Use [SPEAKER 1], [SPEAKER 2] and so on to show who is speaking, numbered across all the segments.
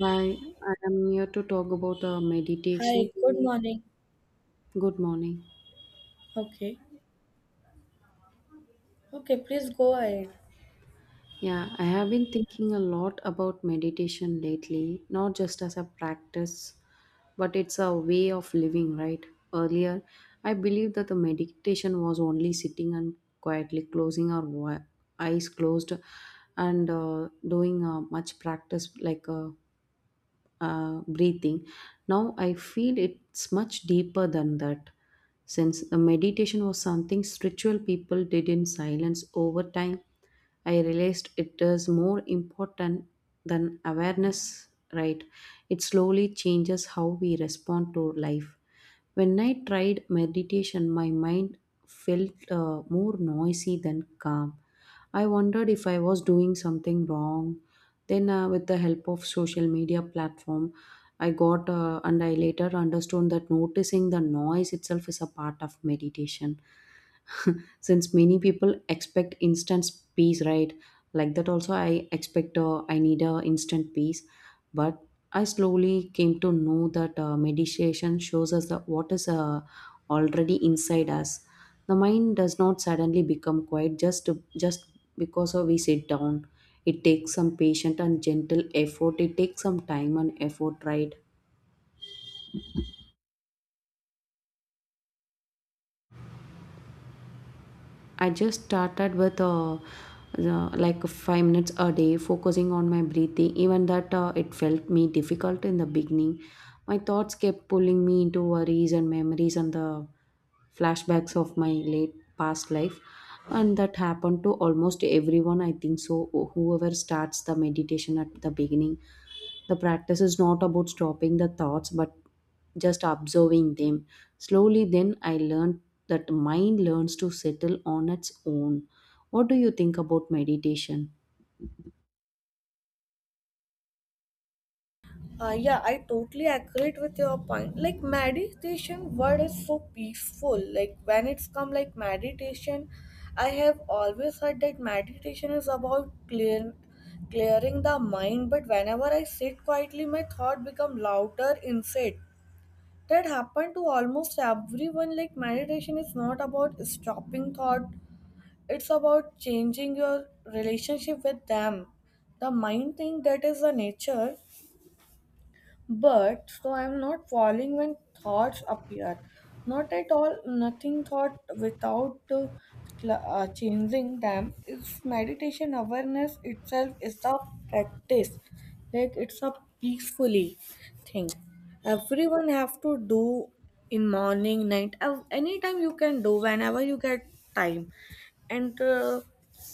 [SPEAKER 1] Hi, I am here to talk about meditation.
[SPEAKER 2] Hi, good morning.
[SPEAKER 1] Good morning.
[SPEAKER 2] Okay. Okay, please go ahead.
[SPEAKER 1] Yeah, I have been thinking a lot about meditation lately, not just as a practice, but it's a way of living, right? Earlier, I believed that the meditation was only sitting and quietly closing our eyes closed and doing much practice like breathing. Now I feel it's much deeper than that. Since the meditation was something spiritual people did in silence over time, I realized it is more important than awareness, right? It slowly changes how we respond to life. When I tried meditation, my mind felt more noisy than calm. I wondered if I was doing something wrong, then, with the help of social media platform, I got and I later understood that noticing the noise itself is a part of meditation. Since many people expect instant peace, right? Like that, also I expect, I need a instant peace. But I slowly came to know that meditation shows us that what is already inside us. The mind does not suddenly become quiet just because of we sit down. It takes some patient and gentle effort. It takes some time and effort, right? I just started with like 5 minutes a day, focusing on my breathing. Even that, it felt me difficult in the beginning. My thoughts kept pulling me into worries and memories and the flashbacks of my late past life, and that happened to almost everyone, I think so. Whoever starts the meditation at the beginning, the practice is not about stopping the thoughts, but just observing them. Slowly, then I learned that mind learns to settle on its own. What do you think about meditation?
[SPEAKER 2] Yeah, I totally agree with your point. Like meditation word is so peaceful. Like when it's come like meditation, I have always heard that meditation is about clearing the mind. But whenever I sit quietly, my thought become louder instead. That happened to almost everyone. Like meditation is not about stopping thought, it's about changing your relationship with them. The mind thing that is the nature, but so I'm not falling when thoughts appear. Not at all, nothing thought without changing them. It's meditation awareness itself is a practice, like it's a peacefully thing. Everyone have to do in morning, night, anytime you can do whenever you get time. And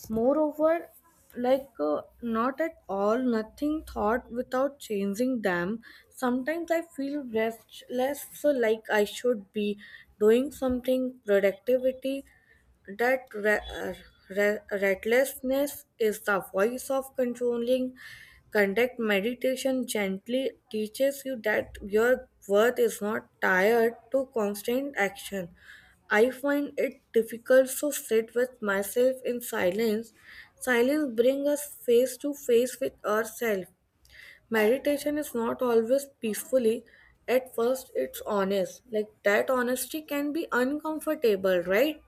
[SPEAKER 2] moreover, like not at all nothing thought without changing them. Sometimes I feel restless, so like I should be doing something productivity. That restlessness is the voice of controlling conduct. Meditation gently teaches you that your worth is not tied to constant action. I find it difficult to sit with myself in silence. Silence brings us face to face with ourselves. Meditation is not always peacefully. At first, it's honest. Like that honesty can be uncomfortable, right?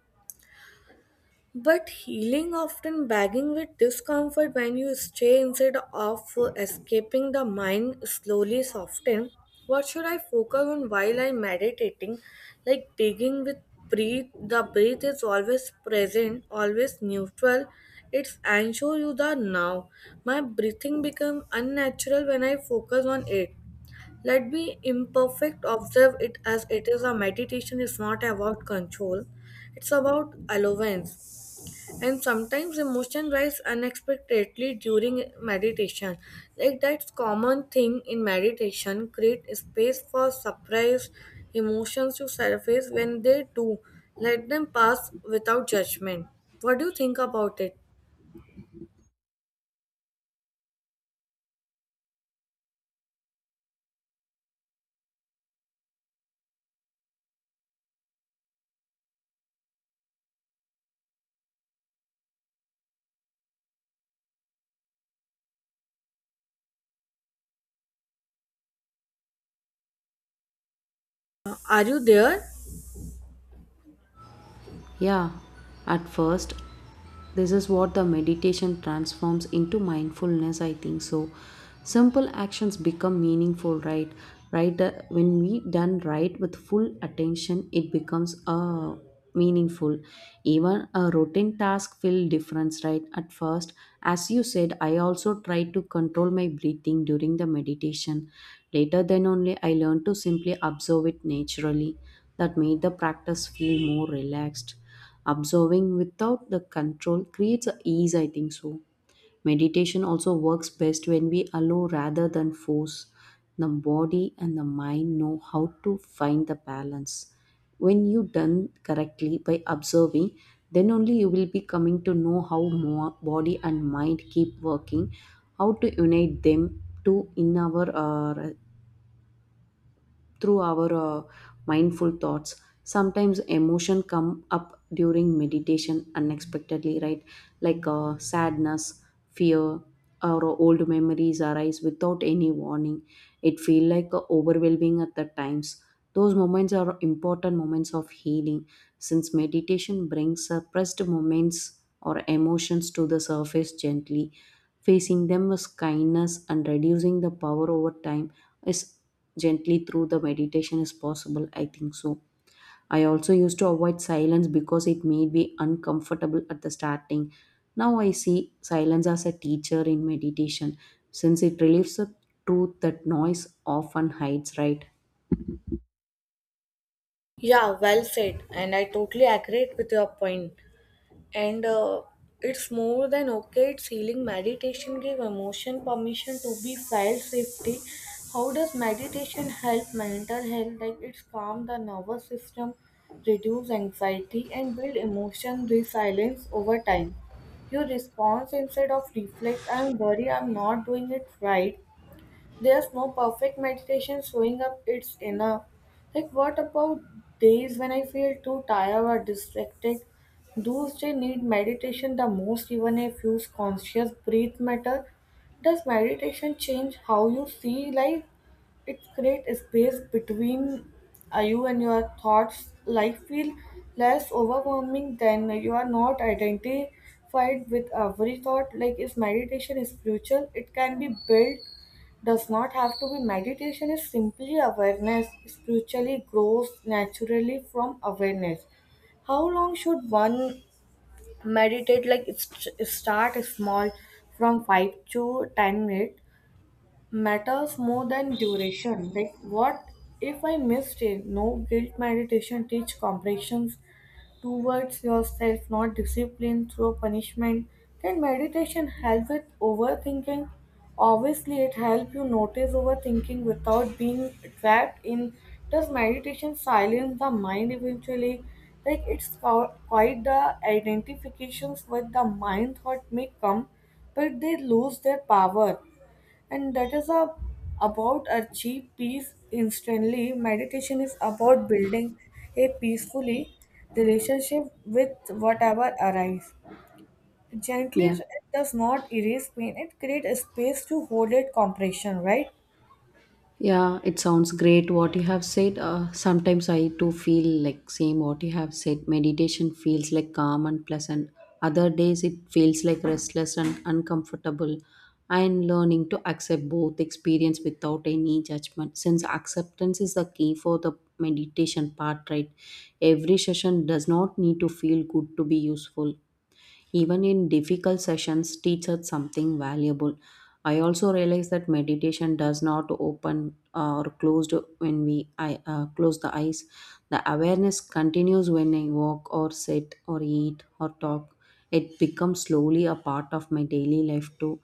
[SPEAKER 2] But healing often begging with discomfort. When you stay instead of escaping, the mind slowly soften. What should I focus on while I'm meditating? Like digging with breath, the breath is always present, always neutral. It's ensure you the now. My breathing become unnatural when I focus on it. Let me imperfect observe it as it is. A meditation is not about control, it's about allowance. And sometimes emotion rise unexpectedly during meditation. Like that's common thing in meditation. Create space for surprise emotions to surface. When they do, let them pass without judgment. What do you think about it? Are you there?
[SPEAKER 1] Yeah, at first, this is what the meditation transforms into mindfulness, I think so. Simple actions become meaningful, right? Right, when we done right with full attention, it becomes meaningful. Even a routine task feel difference, right? At first, as you said, I also tried to control my breathing during the meditation. Later, then only I learned to simply observe it naturally. That made the practice feel more relaxed. Observing without the control creates a ease, I think so. Meditation also works best when we allow rather than force. The body and the mind know how to find the balance. When you done correctly by observing, then only you will be coming to know how more body and mind keep working, how to unite them to in our through our mindful thoughts. Sometimes emotion come up during meditation unexpectedly, right? Like, sadness, fear, or old memories arise without any warning. It feel like overwhelming at the times. Those moments are important moments of healing, since meditation brings suppressed moments or emotions to the surface gently. Facing them with kindness and reducing the power over time is gently through the meditation is possible, I think so. I also used to avoid silence because it made me uncomfortable at the starting. Now I see silence as a teacher in meditation, since it relieves the truth that noise often hides, right?
[SPEAKER 2] Yeah, well said, and I totally agree with your point. And it's more than okay. It's healing. Meditation give emotion permission to be felt safety. How does meditation help mental health? Like it's calm the nervous system, reduce anxiety, and build emotion resilience over time. Your response instead of reflect. I'm worried I'm not doing it right. There's no perfect meditation. Showing up, it's enough. Like, what about days when I feel too tired or distracted? Those days need meditation the most, even if use conscious breath matter. Does meditation change how you see life? It creates a space between you and your thoughts. Life feel less overwhelming than you are not identified with every thought. Like, is meditation spiritual? It can be built, does not have to be. Meditation is simply awareness. Spiritually grows naturally from awareness. How long should one meditate? Like start small, from 5 to 10 minutes. Matters more than duration. Like, what if I missed it? No guilt. Meditation teach compassion towards yourself, not discipline through punishment. Can meditation help with overthinking? Obviously, it helps you notice overthinking without being trapped in. Does meditation silence the mind eventually? Like it's quite the identifications with the mind. Thought may come, but they lose their power. And about a cheap peace instantly. Meditation is about building a peacefully relationship with whatever arrives gently.
[SPEAKER 1] Yeah.
[SPEAKER 2] It does not erase pain, it creates a space to hold it compression, right?
[SPEAKER 1] Yeah, it sounds great what you have said. Sometimes I too feel like same what you have said. Meditation feels like calm and pleasant. Other days it feels like restless and uncomfortable. I'm learning to accept both experience without any judgment, since acceptance is the key for the meditation part, right? Every session does not need to feel good to be useful. Even in difficult sessions, teach us something valuable. I also realize that meditation does not open or closed when we I, close the eyes. The awareness continues when I walk or sit or eat or talk. It becomes slowly a part of my daily life too.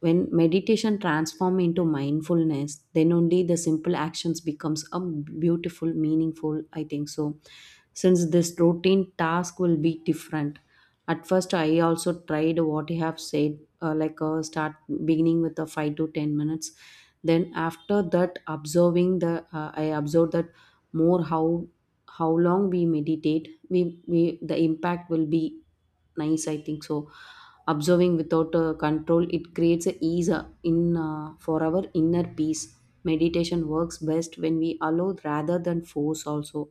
[SPEAKER 1] When meditation transforms into mindfulness, then only the simple actions becomes a beautiful meaningful, I think so. Since this routine task will be different. At first, I also tried what you have said, like, start beginning with a 5 to 10 minutes. Then after that, observing the, I observed that more how long we meditate, we the impact will be nice, I think so. Observing without control, it creates a ease in for our inner peace. Meditation works best when we allow rather than force also.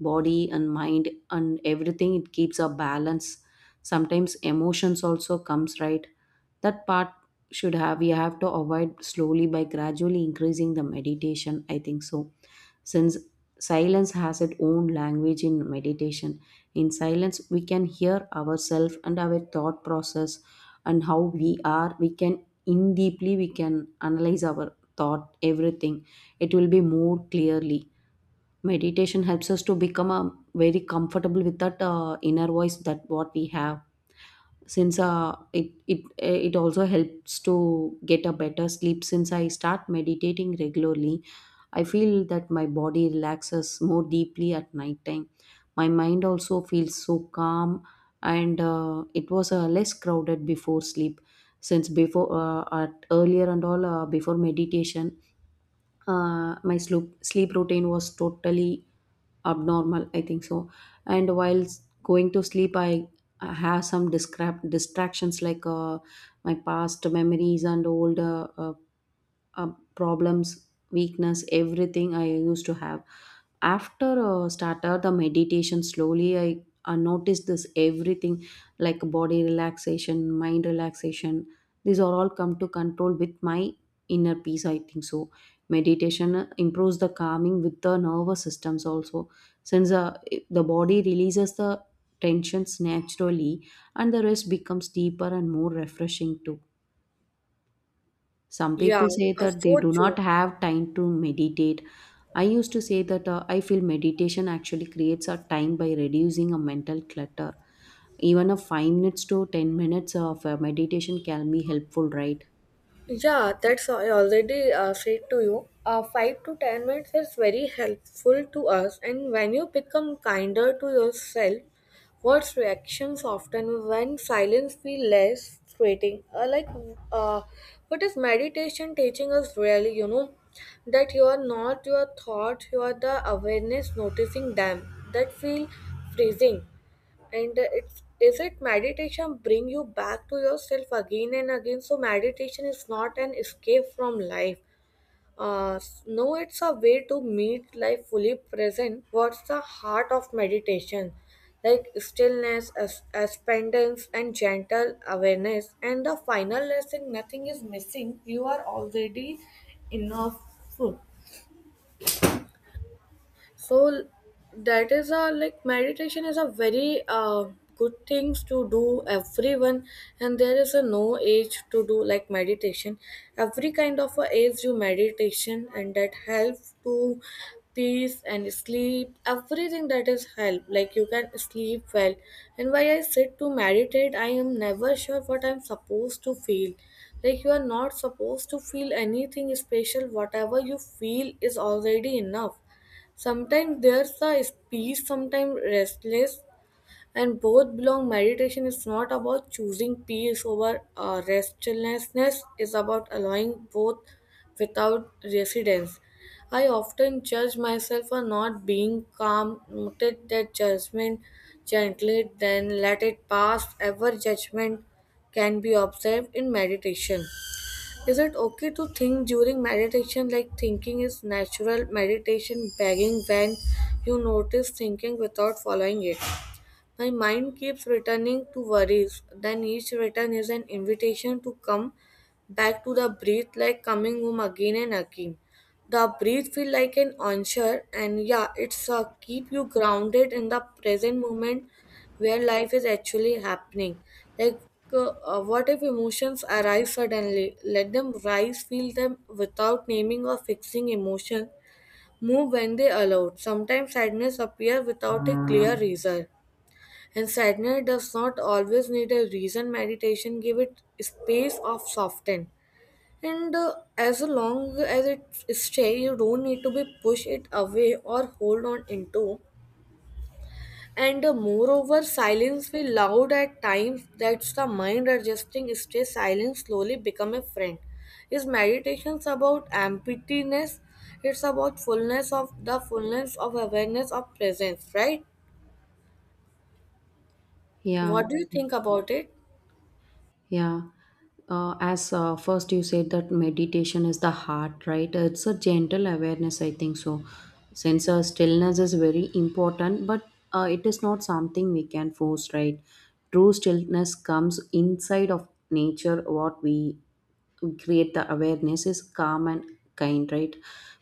[SPEAKER 1] Body and mind and everything, it keeps a balance. Sometimes emotions also comes, right? That part should have we have to avoid slowly by gradually increasing the meditation, I think so. Since silence has its own language in meditation, in silence we can hear ourselves and our thought process, and how we are we can in deeply we can analyze our thought everything. It will be more clearly. Meditation helps us to become very comfortable with that inner voice that what we have. Since it also helps to get a better sleep. Since I start meditating regularly, I feel that my body relaxes more deeply at night time. My mind also feels so calm, and it was less crowded before sleep. Since before at earlier and all, before meditation, my sleep routine was totally abnormal, I think so. And while going to sleep, I have some distractions, like my past memories and old uh, problems, weakness, everything I used to have. After started the meditation slowly, I noticed this everything, like body relaxation, mind relaxation. These are all come to control with my inner peace, I think so. Meditation improves the calming with the nervous systems also, since the body releases the tensions naturally and the rest becomes deeper and more refreshing too. Some
[SPEAKER 2] Yeah,
[SPEAKER 1] people say that they
[SPEAKER 2] so
[SPEAKER 1] do not
[SPEAKER 2] true.
[SPEAKER 1] have time to meditate. I used to say that, I feel meditation actually creates a time by reducing a mental clutter. Even a 5 minutes to 10 minutes of meditation can be helpful, right?
[SPEAKER 2] Yeah, that's I already said to you. 5 to 10 minutes is very helpful to us, and when you become kinder to yourself, what's reactions often when silence feel less threatening? Like, uh, what is meditation teaching us really? You know, that you are not your thoughts, you are the awareness noticing them. That feel freezing. And it's is it meditation bring you back to yourself again and again? So meditation is not an escape from life. No, it's a way to meet life fully present. What's the heart of meditation? Like stillness as aspendance and gentle awareness. And the final lesson, nothing is missing. You are already enough. So that is a like meditation is a very good things to do everyone. And there is a no age to do like meditation. Every kind of a age you meditation, and that helps to peace and sleep everything that is help. Like you can sleep well. And why I sit to meditate, I am never sure what I'm supposed to feel. Like you are not supposed to feel anything special. Whatever you feel is already enough. Sometimes there's a peace, sometimes restless, and both belong. Meditation is not about choosing peace over restlessness; it's about allowing both without residence. I often judge myself for not being calm. Noted that judgment gently, then let it pass. Ever judgment can be observed in meditation. Is it okay to think during meditation? Like thinking is natural. Meditation begging when you notice thinking without following it. My mind keeps returning to worries, then each return is an invitation to come back to the breath, like coming home again and again. The breath feel like an answer, and yeah, it's keep you grounded in the present moment where life is actually happening. Like, what if emotions arise suddenly? Let them rise, feel them without naming or fixing emotion. Move when they allowed. Sometimes sadness appears without a clear reason. And sadness does not always need a reason. Meditation give it space of soften. And as long as it stay, you don't need to be push it away or hold on into. And moreover, silence be loud at times. That's the mind adjusting. Stay silent slowly become a friend. Is meditations about emptiness? It's about fullness of the fullness of awareness of presence, right? What
[SPEAKER 1] Yeah.
[SPEAKER 2] do you think about it?
[SPEAKER 1] Yeah. As first you said that meditation is the heart, right? It's a gentle awareness, I think so. Since stillness is very important, but it is not something we can force, right? True stillness comes inside of nature. What we create the awareness is calm and kind, right?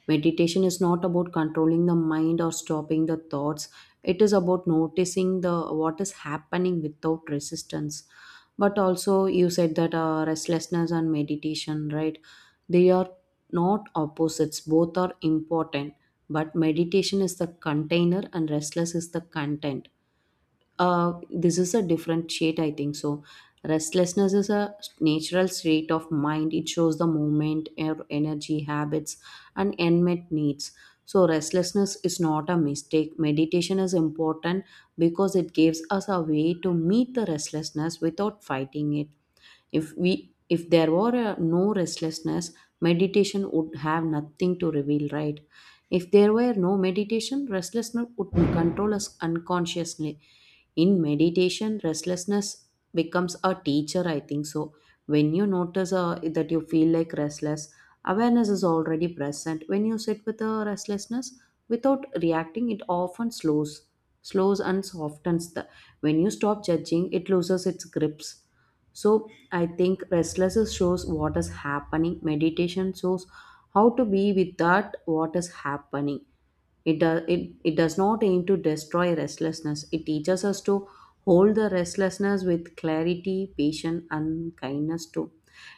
[SPEAKER 1] Meditation is not about controlling the mind or stopping the thoughts. It is about noticing the what is happening without resistance. But also you said that restlessness and meditation, right? They are not opposites. Both are important, but meditation is the container and restless is the content. This is a different shade, I think so. Restlessness is a natural state of mind. It shows the movement energy habits and unmet needs. So restlessness is not a mistake. Meditation is important because it gives us a way to meet the restlessness without fighting it. If we, if there were a, no restlessness, meditation would have nothing to reveal, right? If there were no meditation, restlessness would control us unconsciously. In meditation, restlessness becomes a teacher, I think so. When you notice that you feel like restless, awareness is already present. When you sit with a restlessness without reacting, it often slows and softens the. When you stop judging, it loses its grips. So I think restlessness shows what is happening, meditation shows how to be with that what is happening. It does not aim to destroy restlessness. It teaches us to hold the restlessness with clarity, patience, and kindness too.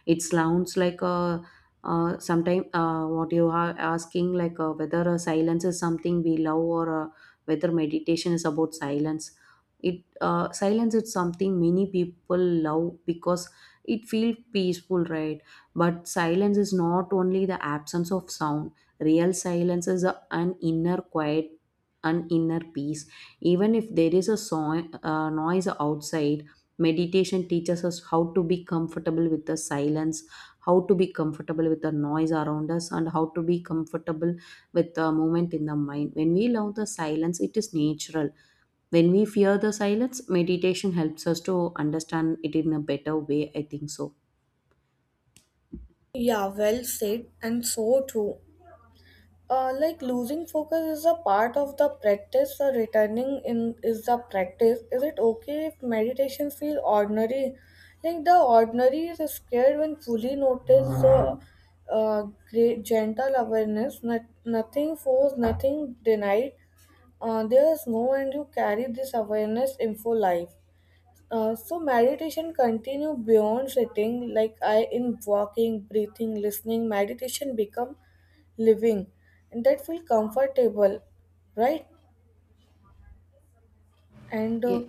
[SPEAKER 1] It sounds like a, sometimes what you are asking, like, whether a silence is something we love, or whether meditation is about silence. It Silence is something many people love because it feels peaceful, right? But silence is not only the absence of sound. Real silence is an inner quiet, an inner peace. Even if there is a noise outside, meditation teaches us how to be comfortable with the silence, how to be comfortable with the noise around us, and how to be comfortable with the moment in the mind. When we love the silence, it is natural. When we fear the silence, meditation helps us to understand it in a better way, I think so.
[SPEAKER 2] Yeah, well said, and so true. Like losing focus is a part of the practice. Returning in is the practice. Is it okay if meditation feel ordinary? Like the ordinary is scared when fully noticed. Uh, Great gentle awareness, nothing forced, nothing denied. There is no end. You carry this awareness in full life. So meditation continue beyond sitting, like I in walking, breathing, listening, meditation become living. And that feel comfortable, right? and
[SPEAKER 1] Yeah.
[SPEAKER 2] uh,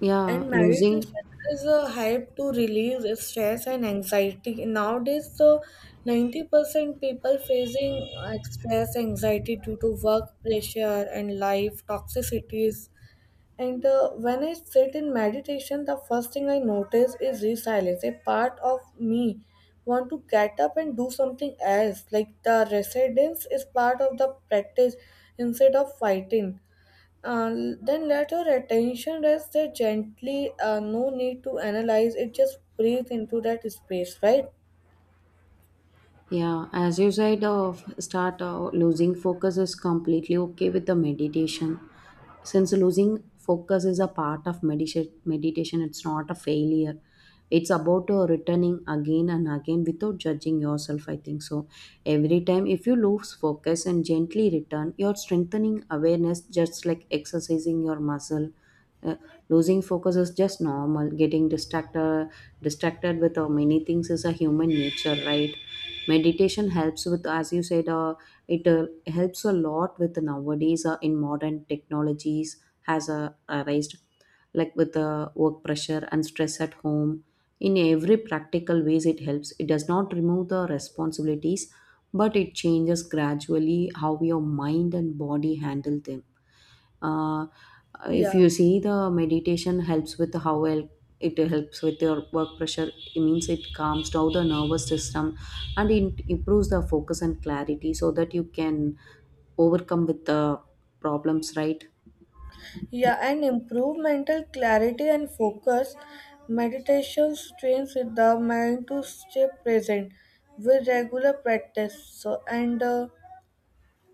[SPEAKER 1] yeah
[SPEAKER 2] and
[SPEAKER 1] losing
[SPEAKER 2] meditation is a hype to relieve stress and anxiety. Nowadays, the 90% people facing stress anxiety due to work pressure and life toxicities. And when I sit in meditation, the first thing I notice is resilience. A part of me want to get up and do something else. Like the resilience is part of the practice instead of fighting. Uh, then let your attention rest there gently. No need to analyze it. Just breathe into that space, right?
[SPEAKER 1] Yeah, as you said, start losing focus is completely okay with the meditation. Since losing focus is a part of meditation, it's not a failure. It's about returning again and again without judging yourself, I think so. Every time, if you lose focus and gently return, you're strengthening awareness, just like exercising your muscle. uh, Losing focus is just normal. Getting distracted with many things is a human nature, right? Meditation helps with, as you said, it helps a lot with nowadays, in modern technologies has raised, like with the work pressure and stress at home. In every practical ways it helps. It does not remove the responsibilities, but it changes gradually how your mind and body handle them. uh, if
[SPEAKER 2] Yeah.
[SPEAKER 1] you see, the meditation helps with how well it helps with your work pressure. It means it calms down the nervous system and it improves the focus and clarity so that you can overcome with the problems, right?
[SPEAKER 2] Yeah, and improve mental clarity and focus. Meditation trains the mind to stay present with regular practice. So, and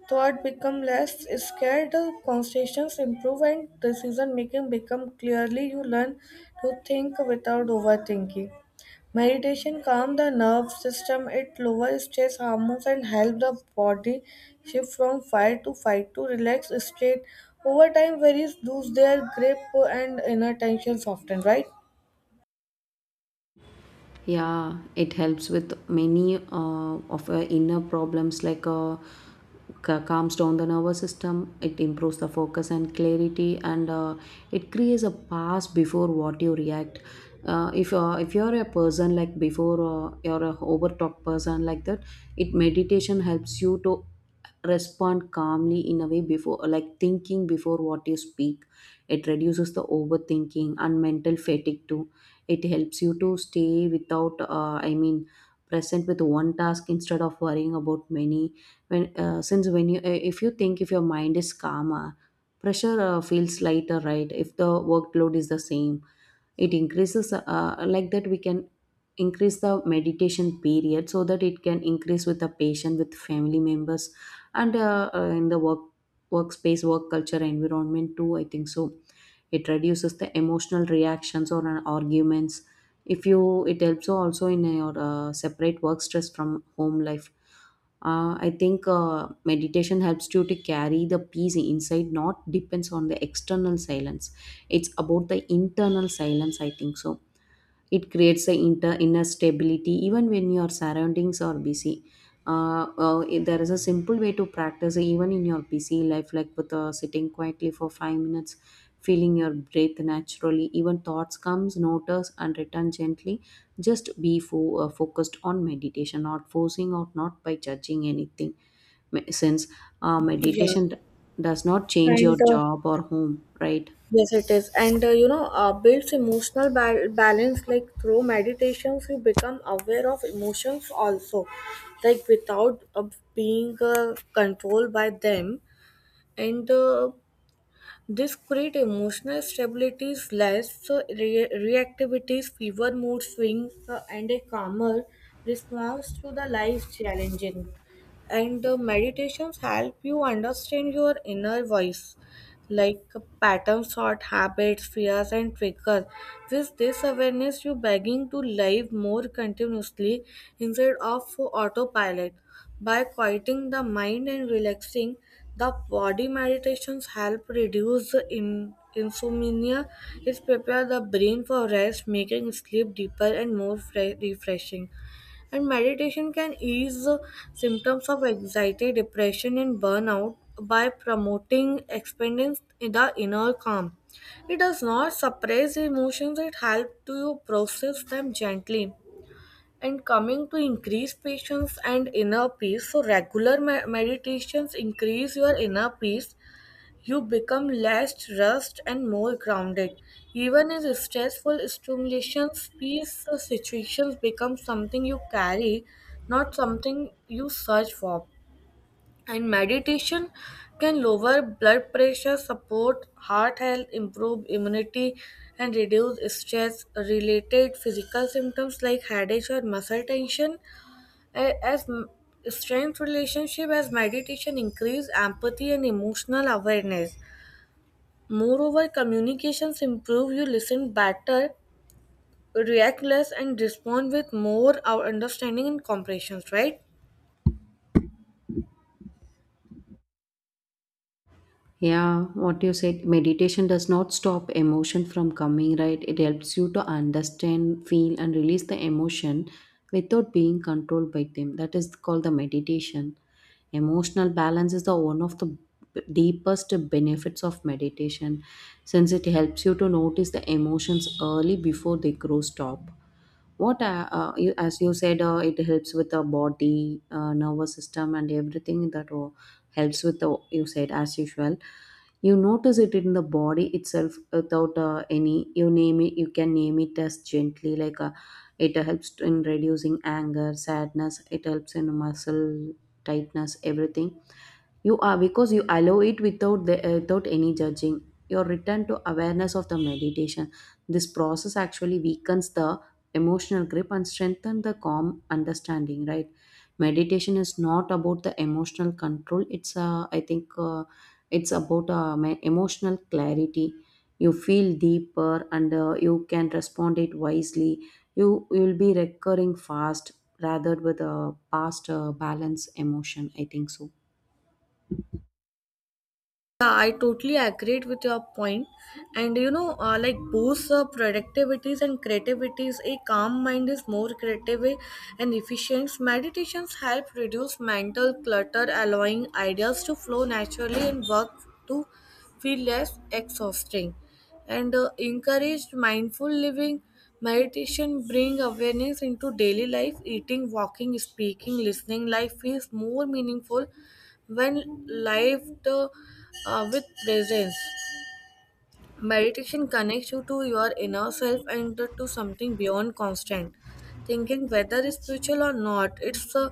[SPEAKER 2] Thought become less scared, conversations improve, and decision making become clearly. You learn to think without overthinking. Meditation calms the nerve system, it lowers stress hormones and helps the body shift from fight to fight to relax state. Over time, worries lose their grip and inner tension soften, right?
[SPEAKER 1] Yeah, it helps with many of our inner problems, like calms down the nervous system, it improves the focus and clarity, and it creates a pass before what you react. If if you're a person like before, you're a overtalk person like that, it meditation helps you to respond calmly in a way, before like thinking before what you speak. It reduces the overthinking and mental fatigue too. It helps you to stay without, present with one task instead of worrying about many. When since when you, if you think, if your mind is calmer, pressure feels lighter, right? If the workload is the same, it increases. Like that, we can increase the meditation period so that it can increase with the patient, with family members, and in the workspace, work culture, environment too. I think so. It reduces the emotional reactions or an arguments if you. It helps also in your, separate work stress from home life. I think meditation helps you to carry the peace inside, not depends on the external silence. It's about the internal silence, I think so. It creates a inner stability even when your surroundings are busy. If there is a simple way to practice even in your busy life, like with sitting quietly for 5 minutes, feeling your breath naturally, even thoughts comes, notice and return gently. Just be focused on meditation, not forcing or not by judging anything. Me- since uh,
[SPEAKER 2] Yeah,
[SPEAKER 1] meditation d- does not change your
[SPEAKER 2] and
[SPEAKER 1] job or home, right?
[SPEAKER 2] yes, it is. And builds emotional balance, like through meditations, you become aware of emotions also, like without being controlled by them. And this create emotional stabilities, less reactivities, fever mood swings, and a calmer response to the life challenging. And the meditations help you understand your inner voice, like pattern sort, habits, fears, and triggers. With this awareness, you begging to live more continuously instead of for autopilot. By quieting the mind and relaxing the body, meditations help reduce the insomnia. It prepares the brain for rest, making sleep deeper and more refreshing. And meditation can ease symptoms of anxiety, depression, and burnout by promoting expanding the inner calm. It does not suppress emotions, it helps to process them gently. And coming to increase patience and inner peace, so regular meditations increase your inner peace. You become less rushed and more grounded. Even in stressful stimulations, peace situations become something you carry, not something you search for. And meditation can lower blood pressure, support heart health, improve immunity, and reduce stress related physical symptoms like headaches or muscle tension. As strength relationship as meditation increase empathy and emotional awareness. Moreover, communications improve, you listen better, react less, and respond with more our understanding and comprehension, right?
[SPEAKER 1] Yeah, what you said, meditation does not stop emotion from coming, right? It helps you to understand, feel, and release the emotion without being controlled by them. That is called the meditation. Emotional balance is the one of the deepest benefits of meditation, since it helps you to notice the emotions early before they grow stop. What as you said, it helps with the body, nervous system and everything. That helps with the, you said, as usual, you notice it in the body itself without any. You name it, you can name it as gently, like it helps in reducing anger, sadness. It helps in muscle tightness, everything. You are, because you allow it without the, without any judging, your return to awareness of the meditation. This process actually weakens the emotional grip and strengthen the calm understanding, right? Meditation is not about the emotional control. It's uh, i think uh, it's about my emotional clarity. You feel deeper and you can respond it wisely. You will be recurring fast rather with a past balance emotion, I think so.
[SPEAKER 2] Yeah, I totally agree with your point. And like boosts productivities and creativities. A calm mind is more creative and efficient. Meditations help reduce mental clutter, allowing ideas to flow naturally and work to feel less exhausting. And encouraged mindful living. Meditation bring awareness into daily life. Eating, walking, speaking, listening. Life feels more meaningful when lived with presence. Meditation connects you to your inner self and to something beyond constant. Thinking whether it's spiritual or not, it's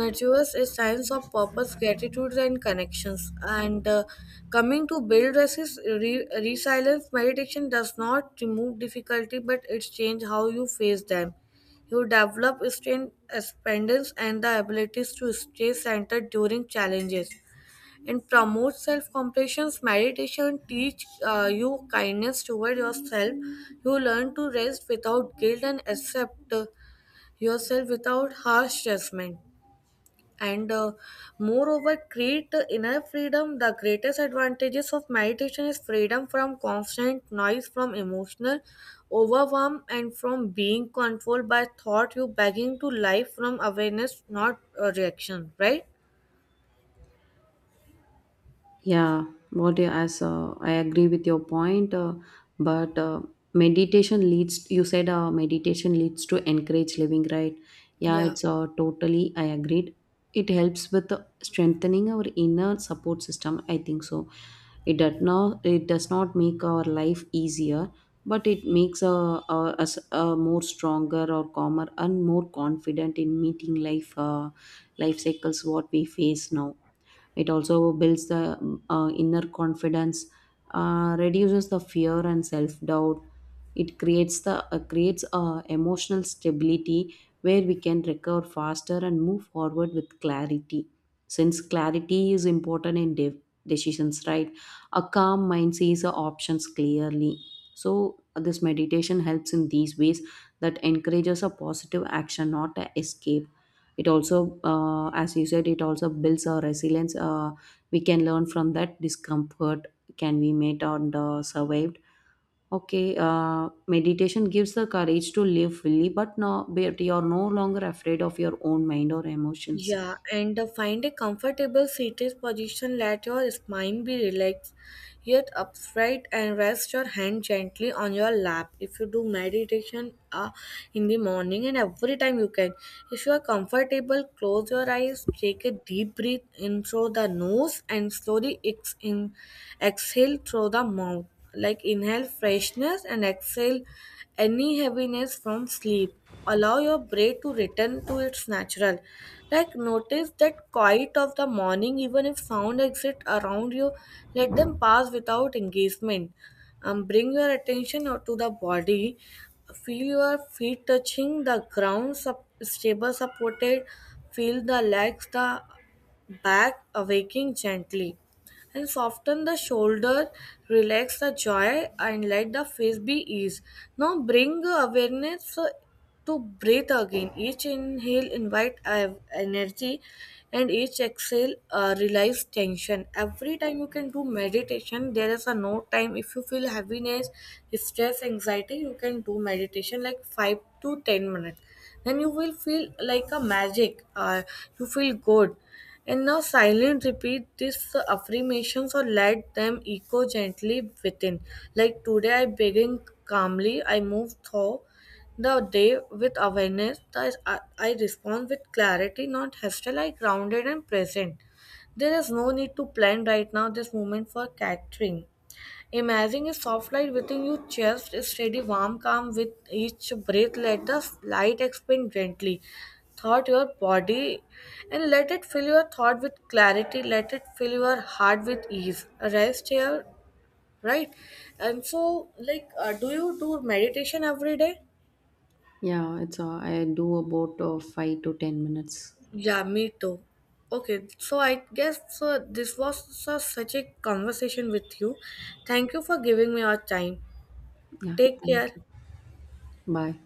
[SPEAKER 2] nurtures a sense of purpose, gratitude, and connections. And coming to build resilience. Meditation does not remove difficulty, but it changes how you face them. You develop strength, independence, and the abilities to stay centered during challenges and promote self compassion. Meditation teach you kindness toward yourself. You learn to rest without guilt and accept yourself without harsh judgment. And moreover, create the inner freedom. The greatest advantages of meditation is freedom from constant noise, from emotional overwhelm, and from being controlled by thought. You begging to life from awareness, not reaction, right?
[SPEAKER 1] Yeah, what you as I agree with your point, but meditation leads. You said meditation leads to encourage living, right? Yeah,
[SPEAKER 2] Yeah.
[SPEAKER 1] it's totally. I agreed. It helps with strengthening our inner support system. I think so. It does not. It does not make our life easier, but it makes us more stronger or calmer and more confident in meeting life. Life cycles what we face now. It also builds the inner confidence, reduces the fear and self doubt. It creates the creates a emotional stability where we can recover faster and move forward with clarity. Since clarity is important in decisions, right? A calm mind sees the options clearly. So this meditation helps in these ways that encourages a positive action, not a escape. It also, as you said, it also builds our resilience. We can learn from that discomfort. Can we meet and survived? Okay, meditation gives the courage to live fully, but no, but you're no longer afraid of your own mind or emotions.
[SPEAKER 2] Yeah, and find a comfortable seated position. Let your spine be relaxed, yet upright, and rest your hand gently on your lap. If you do meditation in the morning and every time you can, if you are comfortable, close your eyes, take a deep breath in through the nose, and slowly exhale through the mouth. Like inhale freshness and exhale any heaviness from sleep. Allow your brain to return to its natural, like notice that quiet of the morning. Even if sound exist around you, let them pass without engagement. Bring your attention out to the body. Feel your feet touching the ground, stable, supported. Feel the legs, the back awaking gently, and soften the shoulder, relax the jaw, and let the face be eased. Now bring awareness to breathe again. Each inhale invite energy, and each exhale release tension. Every time you can do meditation, there is a no time. If you feel heaviness, stress, anxiety, you can do meditation like 5 to 10 minutes. Then you will feel like a magic. You feel good. And now silent repeat these affirmations or let them echo gently within. Like today I begin calmly, I move through the day with awareness, thus I respond with clarity, not hostile, I grounded and present. There is no need to plan right now. This moment for catering, imagine a soft light within your chest, a steady, warm, calm with each breath. Let the light expand gently thought your body, and let it fill your thought with clarity, let it fill your heart with ease. Rest here, right? And so, like do you do meditation every day?
[SPEAKER 1] Yeah, it's I do about 5 to 10 minutes.
[SPEAKER 2] Yeah, me too. Okay, so I guess this was such a conversation with you. Thank you for giving me your time.
[SPEAKER 1] Yeah,
[SPEAKER 2] Take care.
[SPEAKER 1] thank you. Bye.